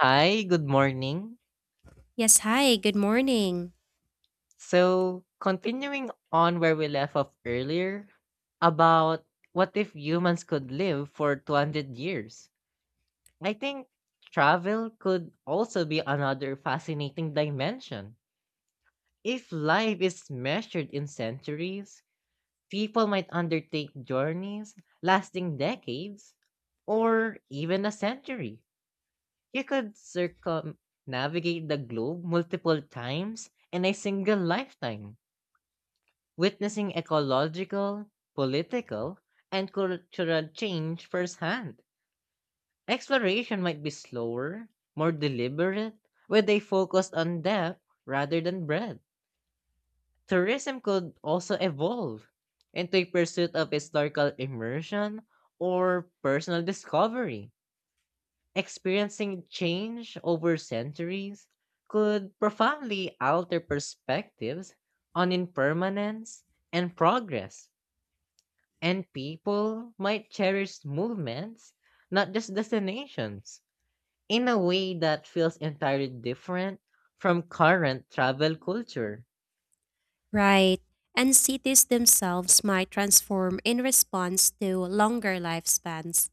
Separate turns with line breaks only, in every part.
Hi, good morning.
Yes, hi, good morning.
So, continuing on where we left off earlier about what if humans could live for 200 years? I think travel could also be another fascinating dimension. If life is measured in centuries, people might undertake journeys lasting decades or even a century. You could circumnavigate the globe multiple times in a single lifetime, witnessing ecological, political, and cultural change firsthand. Exploration might be slower, more deliberate, with a focus on depth rather than breadth. Tourism could also evolve into a pursuit of historical immersion or personal discovery. Experiencing change over centuries could profoundly alter perspectives on impermanence and progress. And people might cherish movements, not just destinations, in a way that feels entirely different from current travel culture.
Right. And cities themselves might transform in response to longer lifespans.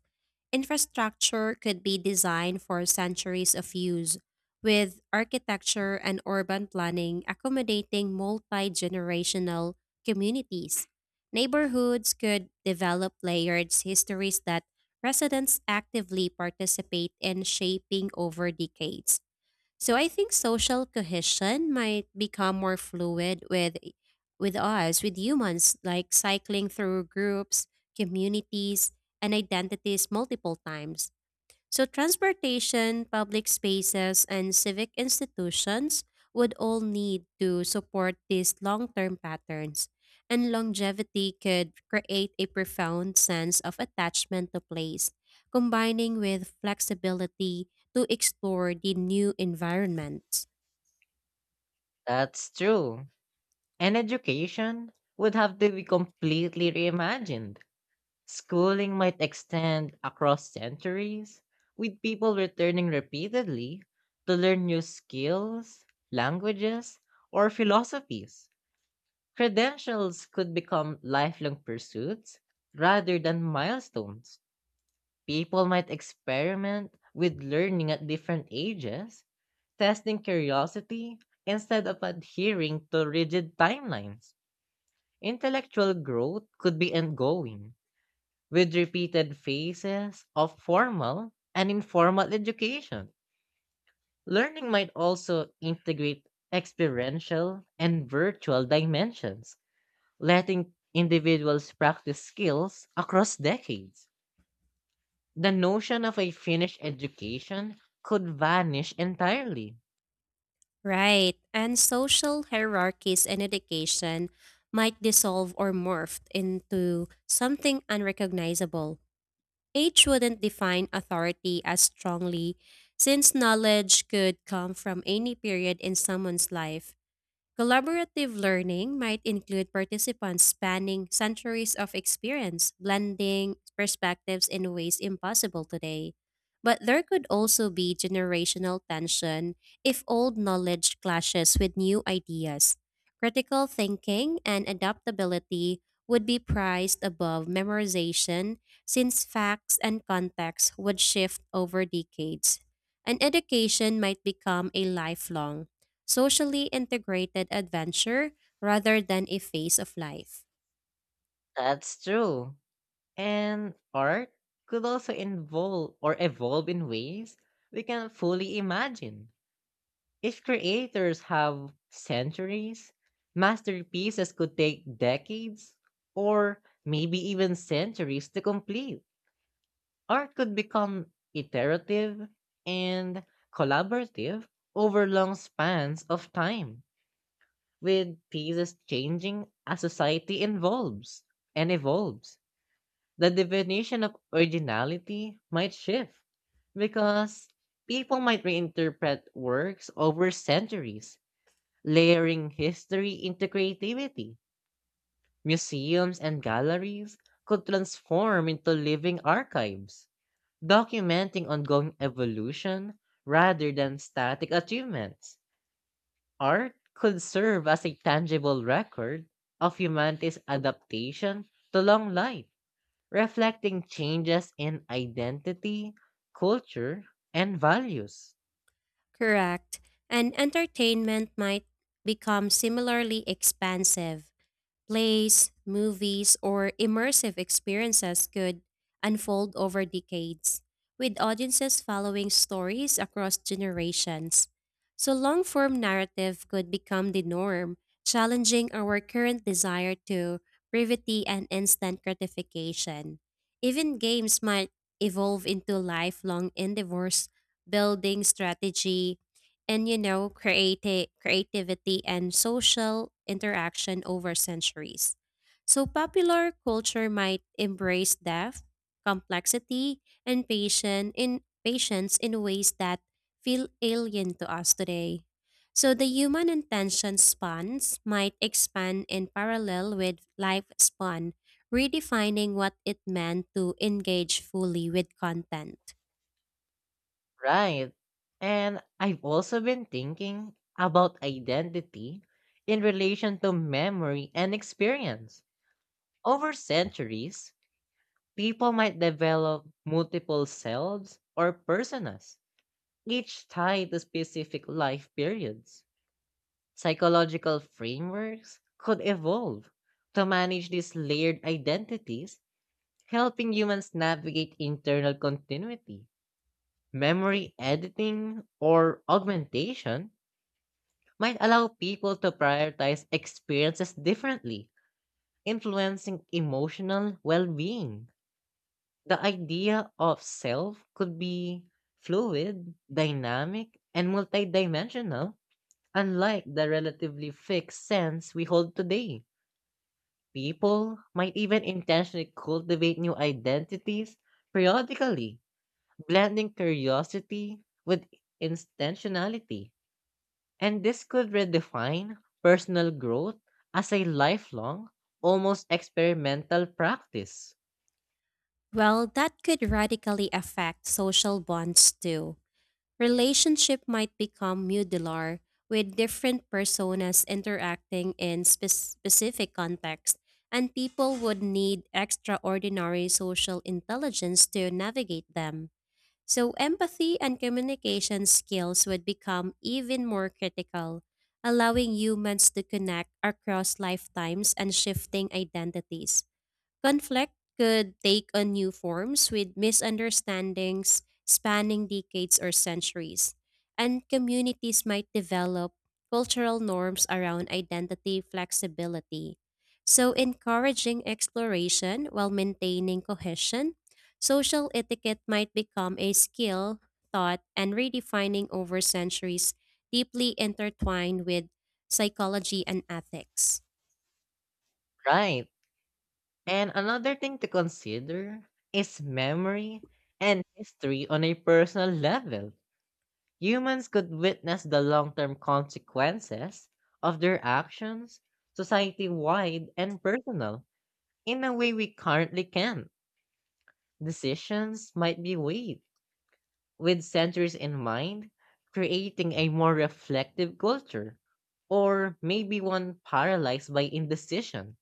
Infrastructure could be designed for centuries of use, with architecture and urban planning accommodating multi generational communities. Neighborhoods could develop layered histories that residents actively participate in shaping over decades. So I think social cohesion might become more fluid with us, with humans, like cycling through groups, communities, and identities multiple times. So, transportation, public spaces, and civic institutions would all need to support these long term patterns, and longevity could create a profound sense of attachment to place, combining with flexibility to explore the new environments.
That's true. And education would have to be completely reimagined. Schooling might extend across centuries, with people returning repeatedly to learn new skills, languages, or philosophies. Credentials could become lifelong pursuits rather than milestones. People might experiment with learning at different ages, testing curiosity instead of adhering to rigid timelines. Intellectual growth could be ongoing, with repeated phases of formal and informal education. Learning might also integrate experiential and virtual dimensions, letting individuals practice skills across decades. The notion of a finished education could vanish entirely.
Right, and social hierarchies in education might dissolve or morph into something unrecognizable. Age wouldn't define authority as strongly, since knowledge could come from any period in someone's life. Collaborative learning might include participants spanning centuries of experience, blending perspectives in ways impossible today. But there could also be generational tension if old knowledge clashes with new ideas. Critical thinking and adaptability would be prized above memorization, since facts and context would shift over decades. And education might become a lifelong, socially integrated adventure rather than a phase of life.
That's true. And art could also involve or evolve in ways we can fully imagine. If creators have centuries, masterpieces could take decades or maybe even centuries to complete. Art could become iterative and collaborative over long spans of time, with pieces changing as society involves and evolves. The definition of originality might shift because people might reinterpret works over centuries, layering history into creativity. Museums and galleries could transform into living archives, documenting ongoing evolution rather than static achievements. Art could serve as a tangible record of humanity's adaptation to long life, reflecting changes in identity, culture, and values.
Correct. And entertainment might become similarly expansive. Plays, movies, or immersive experiences could unfold over decades, with audiences following stories across generations. So, long form narrative could become the norm, challenging our current desire to brevity and instant gratification. Even games might evolve into lifelong endeavors, building strategy, and you know creativity and social interaction over centuries. So popular culture might embrace depth, complexity and patience in ways that feel alien to us today. So the human attention spans might expand in parallel with lifespan, redefining what it meant to engage fully with content.
Right. And I've also been thinking about identity in relation to memory and experience. Over centuries, people might develop multiple selves or personas, each tied to specific life periods. Psychological frameworks could evolve to manage these layered identities, helping humans navigate internal continuity. Memory editing or augmentation might allow people to prioritize experiences differently, influencing emotional well being. The idea of self could be fluid, dynamic, and multidimensional, unlike the relatively fixed sense we hold today. People might even intentionally cultivate new identities periodically, blending curiosity with intentionality. And this could redefine personal growth as a lifelong, almost experimental practice.
Well, that could radically affect social bonds too. Relationship might become modular, with different personas interacting in specific contexts, and people would need extraordinary social intelligence to navigate them. So, empathy and communication skills would become even more critical, allowing humans to connect across lifetimes and shifting identities. Conflict could take on new forms with misunderstandings spanning decades or centuries, and communities might develop cultural norms around identity flexibility. So, encouraging exploration while maintaining cohesion, social etiquette might become a skill, thought, and redefining over centuries, deeply intertwined with psychology and ethics.
Right. And another thing to consider is memory and history on a personal level. Humans could witness the long term consequences of their actions, society wide and personal, in a way we currently can. Decisions might be weighed with centuries in mind, creating a more reflective culture, or maybe one paralyzed by indecision.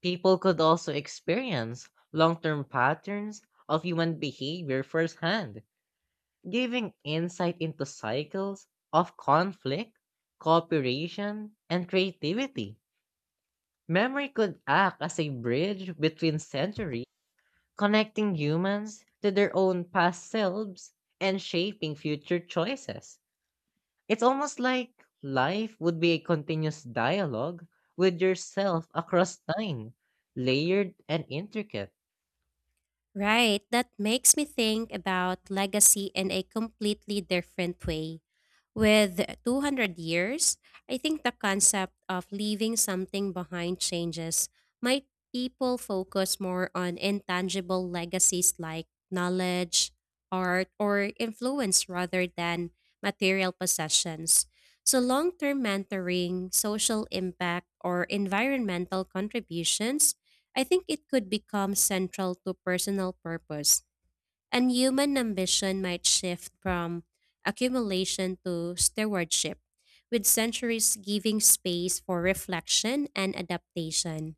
People could also experience long term patterns of human behavior firsthand, giving insight into cycles of conflict, cooperation, and creativity. Memory could act as a bridge between centuries, connecting humans to their own past selves and shaping future choices. It's almost like life would be a continuous dialogue with yourself across time, layered and intricate.
Right, that makes me think about legacy in a completely different way. With 200 years, I think the concept of leaving something behind changes. Might people focus more on intangible legacies like knowledge, art, or influence rather than material possessions? So, long term mentoring, social impact, or environmental contributions, I think it could become central to personal purpose, and human ambition might shift from accumulation to stewardship, with centuries giving space for reflection and adaptation.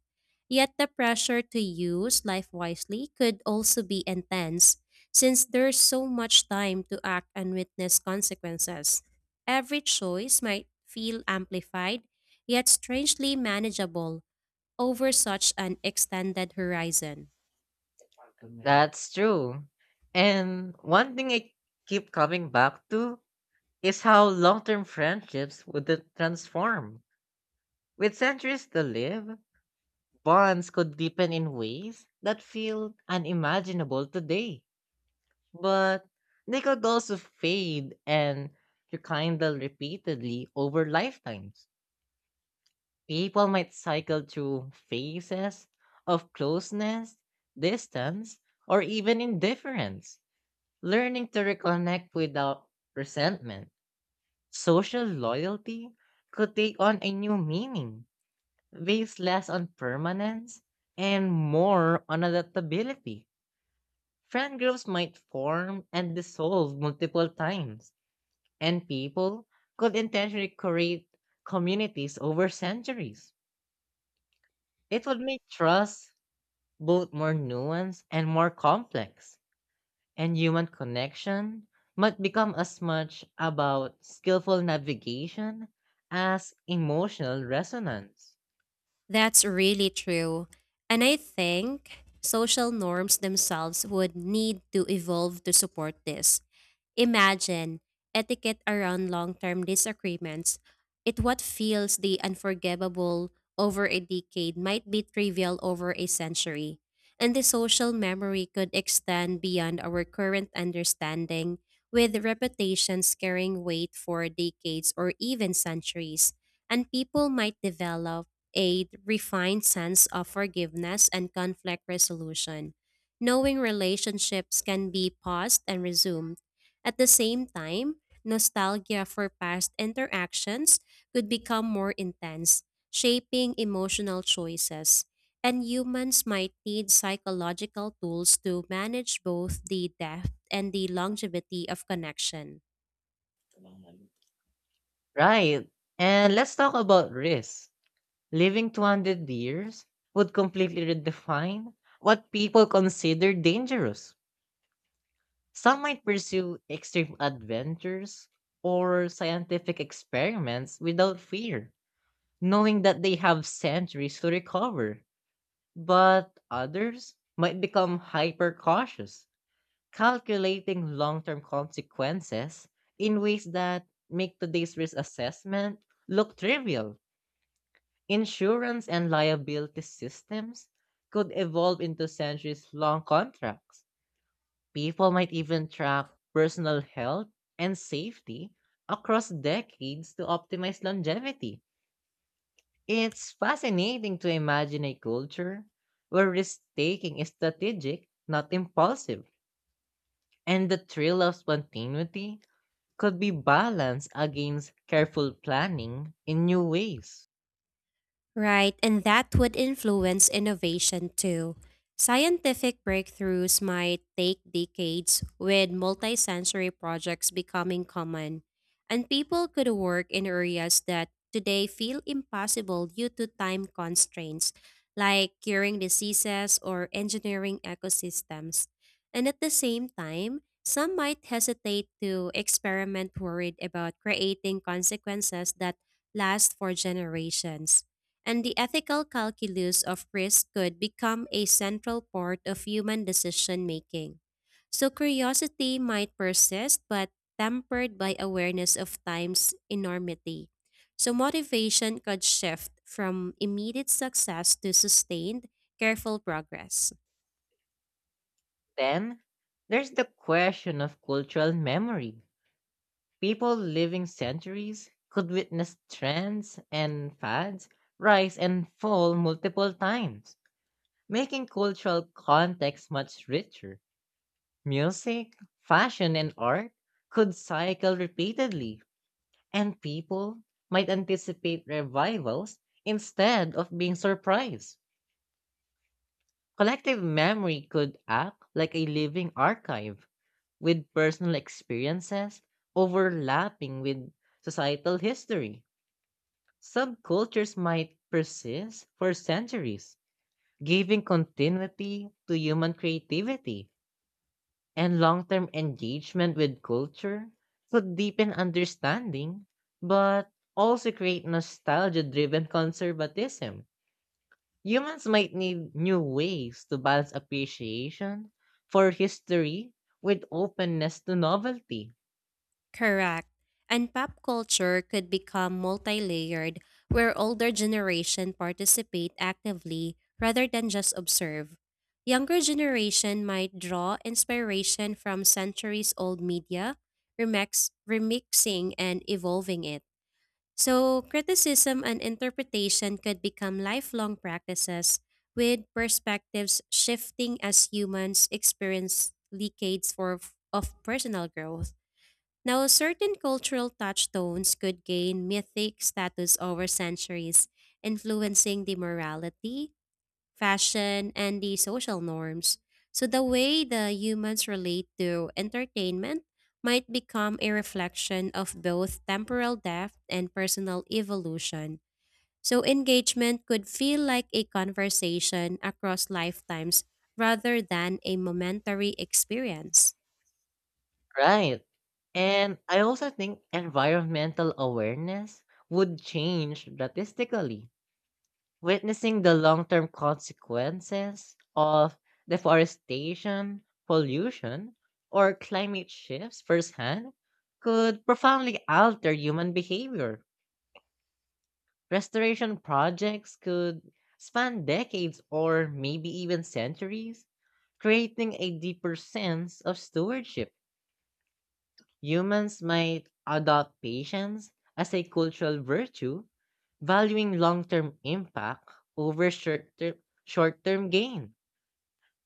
Yet the pressure to use life wisely could also be intense, since there's so much time to act and witness consequences. Every choice might feel amplified, yet strangely manageable over such an extended horizon.
That's true. And one thing I keep coming back to is how long term friendships would transform. With centuries to live, bonds could deepen in ways that feel unimaginable today. But they could also fade and rekindle repeatedly over lifetimes. People might cycle through phases of closeness, distance, or even indifference, learning to reconnect without resentment. Social loyalty could take on a new meaning based less on permanence and more on adaptability. Friend groups might form and dissolve multiple times, and people could intentionally create communities over centuries. It would make trust both more nuanced and more complex, and human connection might become as much about skillful navigation as emotional resonance.
That's really true. And I think social norms themselves would need to evolve to support this. Imagine etiquette around long term disagreements. It what feels the unforgivable over a decade might be trivial over a century. And the social memory could extend beyond our current understanding, with reputations carrying weight for decades or even centuries. And people might develop a refined sense of forgiveness and conflict resolution, knowing relationships can be paused and resumed. At the same time, nostalgia for past interactions could become more intense, shaping emotional choices. And humans might need psychological tools to manage both the depth and the longevity of connection.
Right. And let's talk about risk. Living 200 years would completely redefine what people consider dangerous. Some might pursue extreme adventures or scientific experiments without fear, knowing that they have centuries to recover. But others might become hyper cautious, calculating long term consequences in ways that make today's risk assessment look trivial. Insurance and liability systems could evolve into centuries long contracts. People might even track personal health and safety across decades to optimize longevity. It's fascinating to imagine a culture where risk taking is strategic, not impulsive, and the thrill of spontaneity could be balanced against careful planning in new ways.
Right, and that would influence innovation too. Scientific breakthroughs might take decades, with multisensory projects becoming common, and people could work in areas that today feel impossible due to time constraints, like curing diseases or engineering ecosystems. And at the same time, some might hesitate to experiment, worried about creating consequences that last for generations, and the ethical calculus of risk could become a central part of human decision making. So curiosity might persist, but tempered by awareness of time's enormity. So motivation could shift from immediate success to sustained, careful progress.
Then, there's the question of cultural memory. People living centuries could witness trends and fads rise and fall multiple times, making cultural context much richer. Music, fashion, and art could cycle repeatedly, and people might anticipate revivals instead of being surprised. Collective memory could act like a living archive, with personal experiences overlapping with societal history. Subcultures might persist for centuries, giving continuity to human creativity. And long-term engagement with culture could deepen understanding, but also create nostalgia-driven conservatism. Humans might need new ways to balance appreciation for history with openness to novelty.
Correct. And pop culture could become multi-layered, where older generation participate actively rather than just observe. Younger generation might draw inspiration from centuries-old media, remixing and evolving it. So criticism and interpretation could become lifelong practices, with perspectives shifting as humans experience decades of personal growth. Now, certain cultural touchstones could gain mythic status over centuries, influencing the morality, fashion, and the social norms. So, the way the humans relate to entertainment might become a reflection of both temporal depth and personal evolution. So, engagement could feel like a conversation across lifetimes rather than a momentary experience.
Right. And I also think environmental awareness would change drastically, witnessing the long term consequences of deforestation, pollution, or climate shifts firsthand could profoundly alter human behavior. Restoration projects could span decades or maybe even centuries, creating a deeper sense of stewardship. Humans might adopt patience as a cultural virtue, valuing long term impact over short term gain.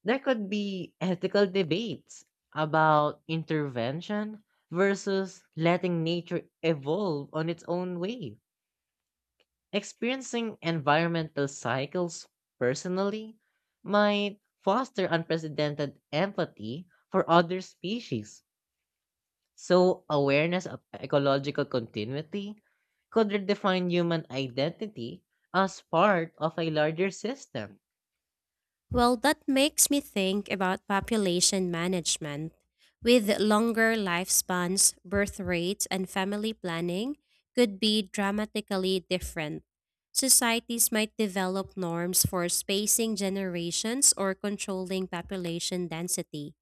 There could be ethical debates about intervention versus letting nature evolve on its own way. Experiencing environmental cycles personally might foster unprecedented empathy for other species. So, awareness of ecological continuity could redefine human identity as part of a larger system.
Well, that makes me think about population management. With longer lifespans, birth rates and family planning could be dramatically different. Societies might develop norms for spacing generations or controlling population density.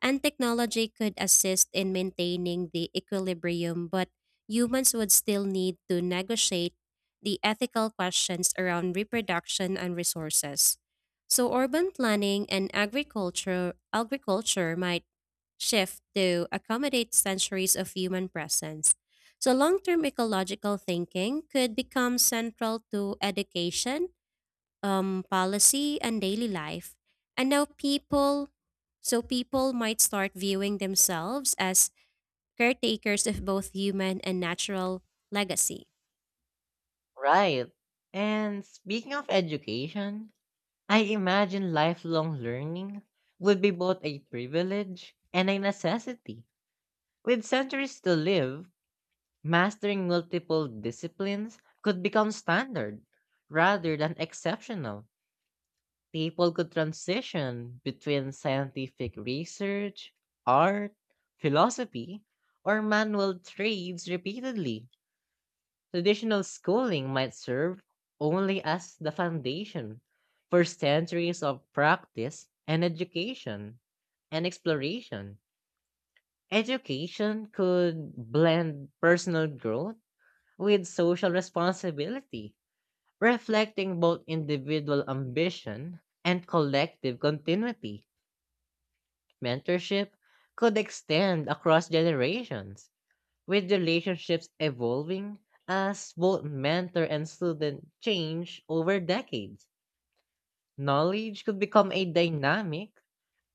And technology could assist in maintaining the equilibrium, but humans would still need to negotiate the ethical questions around reproduction and resources. So urban planning and agriculture might shift to accommodate centuries of human presence. So long-term ecological thinking could become central to education, policy and daily life. And now so people might start viewing themselves as caretakers of both human and natural legacy.
Right. And speaking of education, I imagine lifelong learning would be both a privilege and a necessity. With centuries to live, mastering multiple disciplines could become standard rather than exceptional. People could transition between scientific research, art, philosophy, or manual trades repeatedly. Traditional schooling might serve only as the foundation for centuries of practice and education and exploration. Education could blend personal growth with social responsibility, reflecting both individual ambition and collective continuity. Mentorship could extend across generations, with relationships evolving as both mentor and student change over decades. Knowledge could become a dynamic,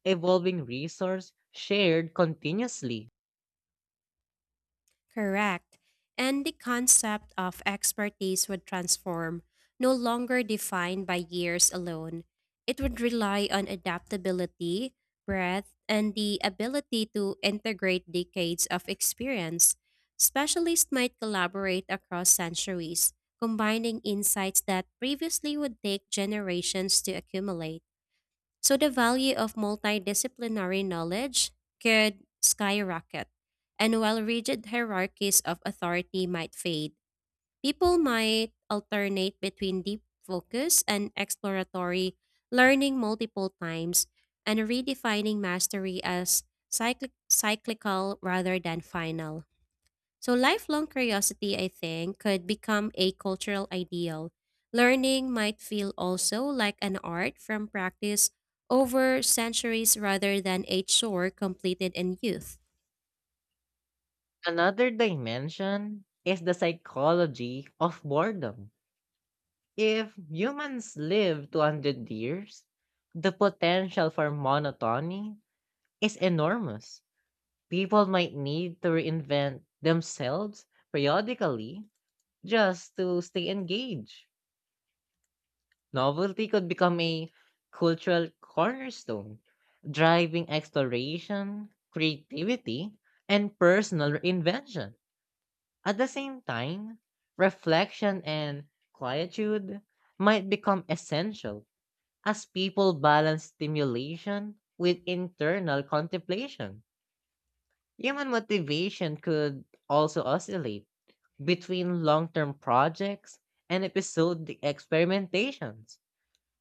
evolving resource shared continuously.
Correct. And the concept of expertise would transform, no longer defined by years alone. It would rely on adaptability, breadth, and the ability to integrate decades of experience. Specialists might collaborate across centuries, combining insights that previously would take generations to accumulate. So the value of multidisciplinary knowledge could skyrocket. And while rigid hierarchies of authority might fade, people might alternate between deep focus and exploratory learning multiple times, and redefining mastery as cyclical rather than final. So, lifelong curiosity, I think, could become a cultural ideal. Learning might feel also like an art from practice over centuries rather than a chore completed in youth.
Another dimension is the psychology of boredom. If humans live 200, the potential for monotony is enormous. People might need to reinvent themselves periodically just to stay engaged. Novelty could become a cultural cornerstone, driving exploration, creativity, and personal reinvention. At the same time, reflection and quietude might become essential as people balance stimulation with internal contemplation. Human motivation could also oscillate between long term projects and episodic experimentations.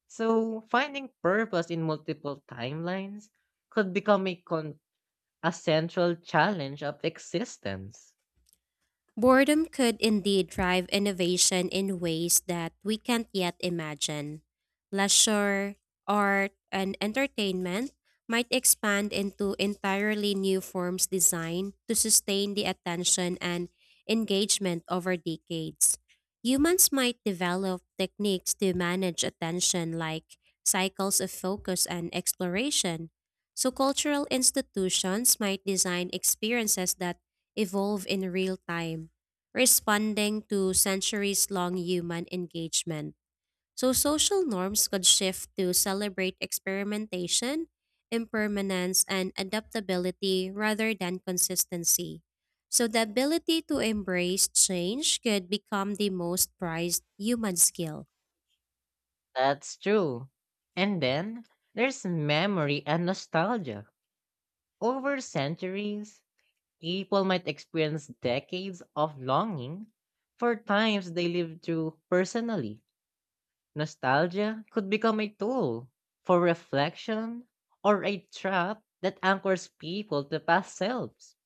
So, finding purpose in multiple timelines could become a central challenge of existence.
Boredom could indeed drive innovation in ways that we can't yet imagine. Leisure, art, and entertainment might expand into entirely new forms designed to sustain the attention and engagement over decades. Humans might develop techniques to manage attention like cycles of focus and exploration. So, cultural institutions might design experiences that evolve in real time, responding to centuries long human engagement. So, social norms could shift to celebrate experimentation, impermanence, and adaptability rather than consistency. So, the ability to embrace change could become the most prized human skill.
That's true. And then there's memory and nostalgia. Over centuries, people might experience decades of longing for times they lived through personally. Nostalgia could become a tool for reflection or a trap that anchors people to past selves.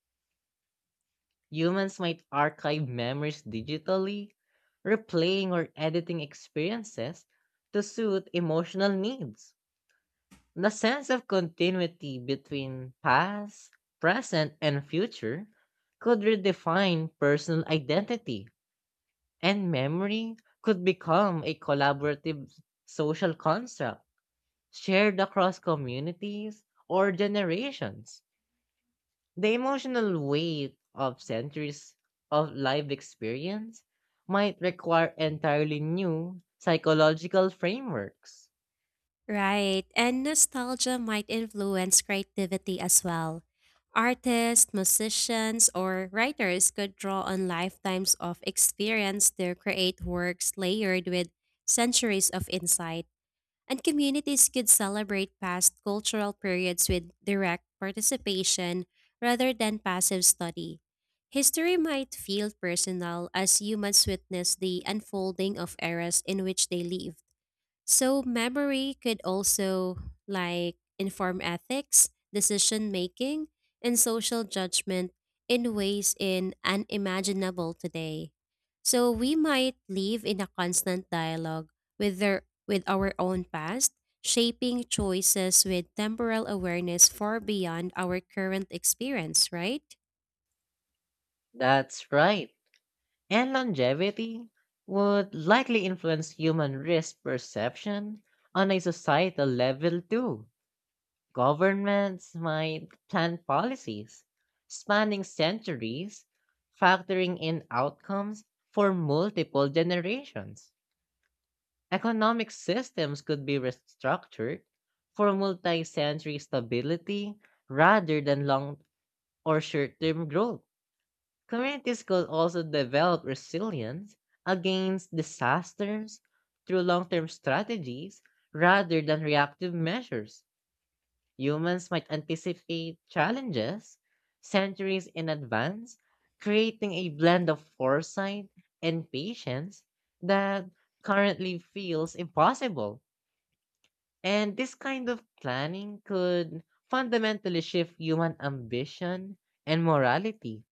Humans might archive memories digitally, replaying or editing experiences to suit emotional needs. The sense of continuity between past, present, and future could redefine personal identity, and memory could become a collaborative social construct shared across communities or generations. The emotional weight of centuries of life experience might require entirely new psychological frameworks.
Right, and nostalgia might influence creativity as well. Artists, musicians, or writers could draw on lifetimes of experience to create works layered with centuries of insight, and communities could celebrate past cultural periods with direct participation rather than passive study. History might feel personal as humans witness the unfolding of eras in which they live. So memory could also like inform ethics, decision making, and social judgment in ways in unimaginable today. So we might live in a constant dialogue with our own past, shaping choices with temporal awareness far beyond our current experience, right?
That's right. And longevity would likely influence human risk perception on a societal level too. Governments might plan policies spanning centuries, factoring in outcomes for multiple generations. Economic systems could be restructured for multi century stability rather than long or short term growth. Communities could also develop resilience against disasters through long term strategies rather than reactive measures. Humans might anticipate challenges centuries in advance, creating a blend of foresight and patience that currently feels impossible. And this kind of planning could fundamentally shift human ambition and morality.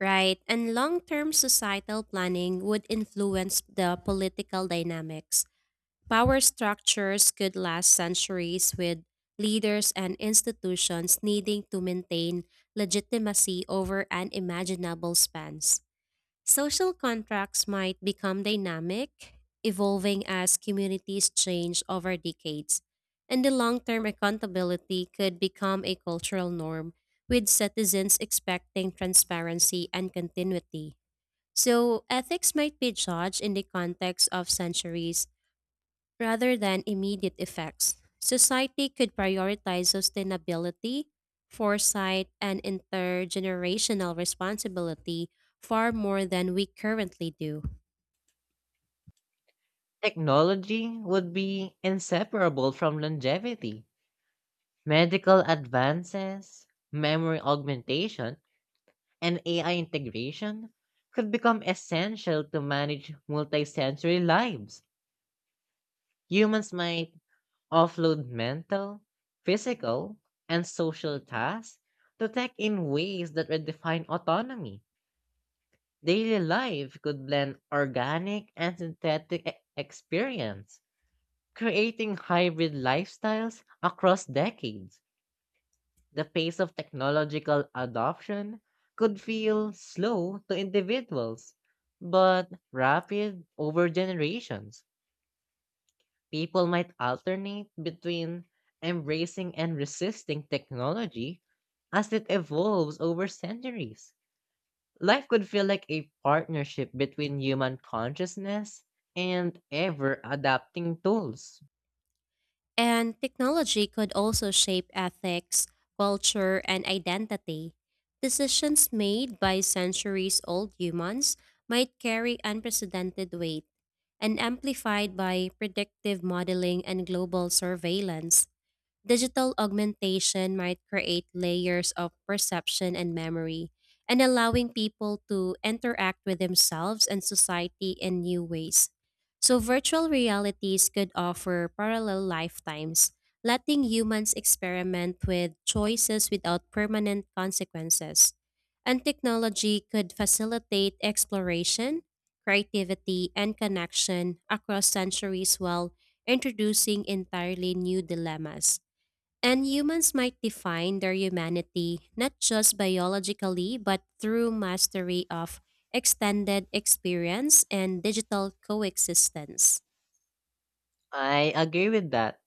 Right, and long term societal planning would influence the political dynamics. Power structures could last centuries, with leaders and institutions needing to maintain legitimacy over unimaginable spans. Social contracts might become dynamic, evolving as communities change over decades, and the long term accountability could become a cultural norm, with citizens expecting transparency and continuity. So, ethics might be judged in the context of centuries rather than immediate effects. Society could prioritize sustainability, foresight, and intergenerational responsibility far more than we currently do.
Technology would be inseparable from longevity. Medical advances, memory augmentation, and AI integration could become essential to manage multisensory lives. Humans might offload mental, physical, and social tasks to tech in ways that redefine autonomy. Daily life could blend organic and synthetic experience, creating hybrid lifestyles across decades. The pace of technological adoption could feel slow to individuals, but rapid over generations. People might alternate between embracing and resisting technology as it evolves over centuries. Life could feel like a partnership between human consciousness and ever adapting tools.
And technology could also shape ethics, culture, and identity. Decisions made by centuries old humans might carry unprecedented weight, and amplified by predictive modeling and global surveillance. Digital augmentation might create layers of perception and memory, and allowing people to interact with themselves and society in new ways. So, virtual realities could offer parallel lifetimes, letting humans experiment with choices without permanent consequences. And technology could facilitate exploration, creativity, and connection across centuries while introducing entirely new dilemmas. And humans might define their humanity not just biologically, but through mastery of extended experience and digital coexistence.
I agree with that.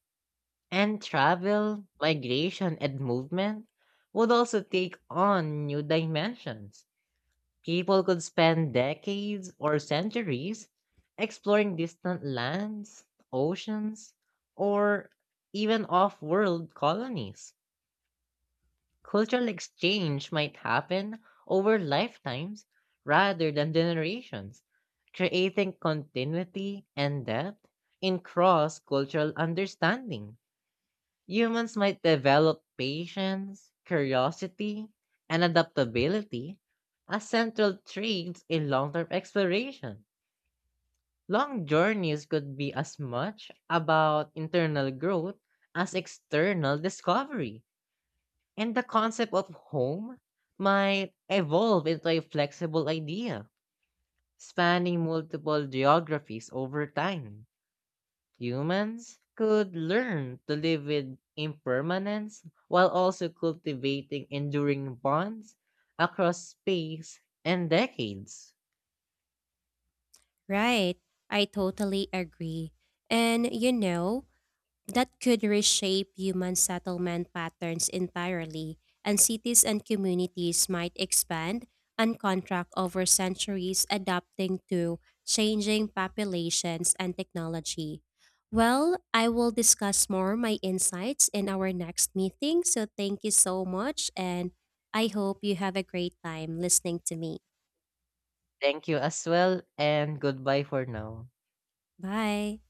And travel, migration, and movement would also take on new dimensions. People could spend decades or centuries exploring distant lands, oceans, or even off world colonies. Cultural exchange might happen over lifetimes rather than generations, creating continuity and depth in cross cultural understanding. Humans might develop patience, curiosity, and adaptability as central traits in long term exploration. Long journeys could be as much about internal growth as external discovery, and the concept of home might evolve into a flexible idea, spanning multiple geographies over time. Humans could learn to live with impermanence while also cultivating enduring bonds across space and decades.
Right, I totally agree. And you know, that could reshape human settlement patterns entirely, and cities and communities might expand and contract over centuries, adapting to changing populations and technology. Well, I will discuss more my insights in our next meeting, so thank you so much, and I hope you have a great time listening to me.
Thank you as well, and goodbye for now.
Bye.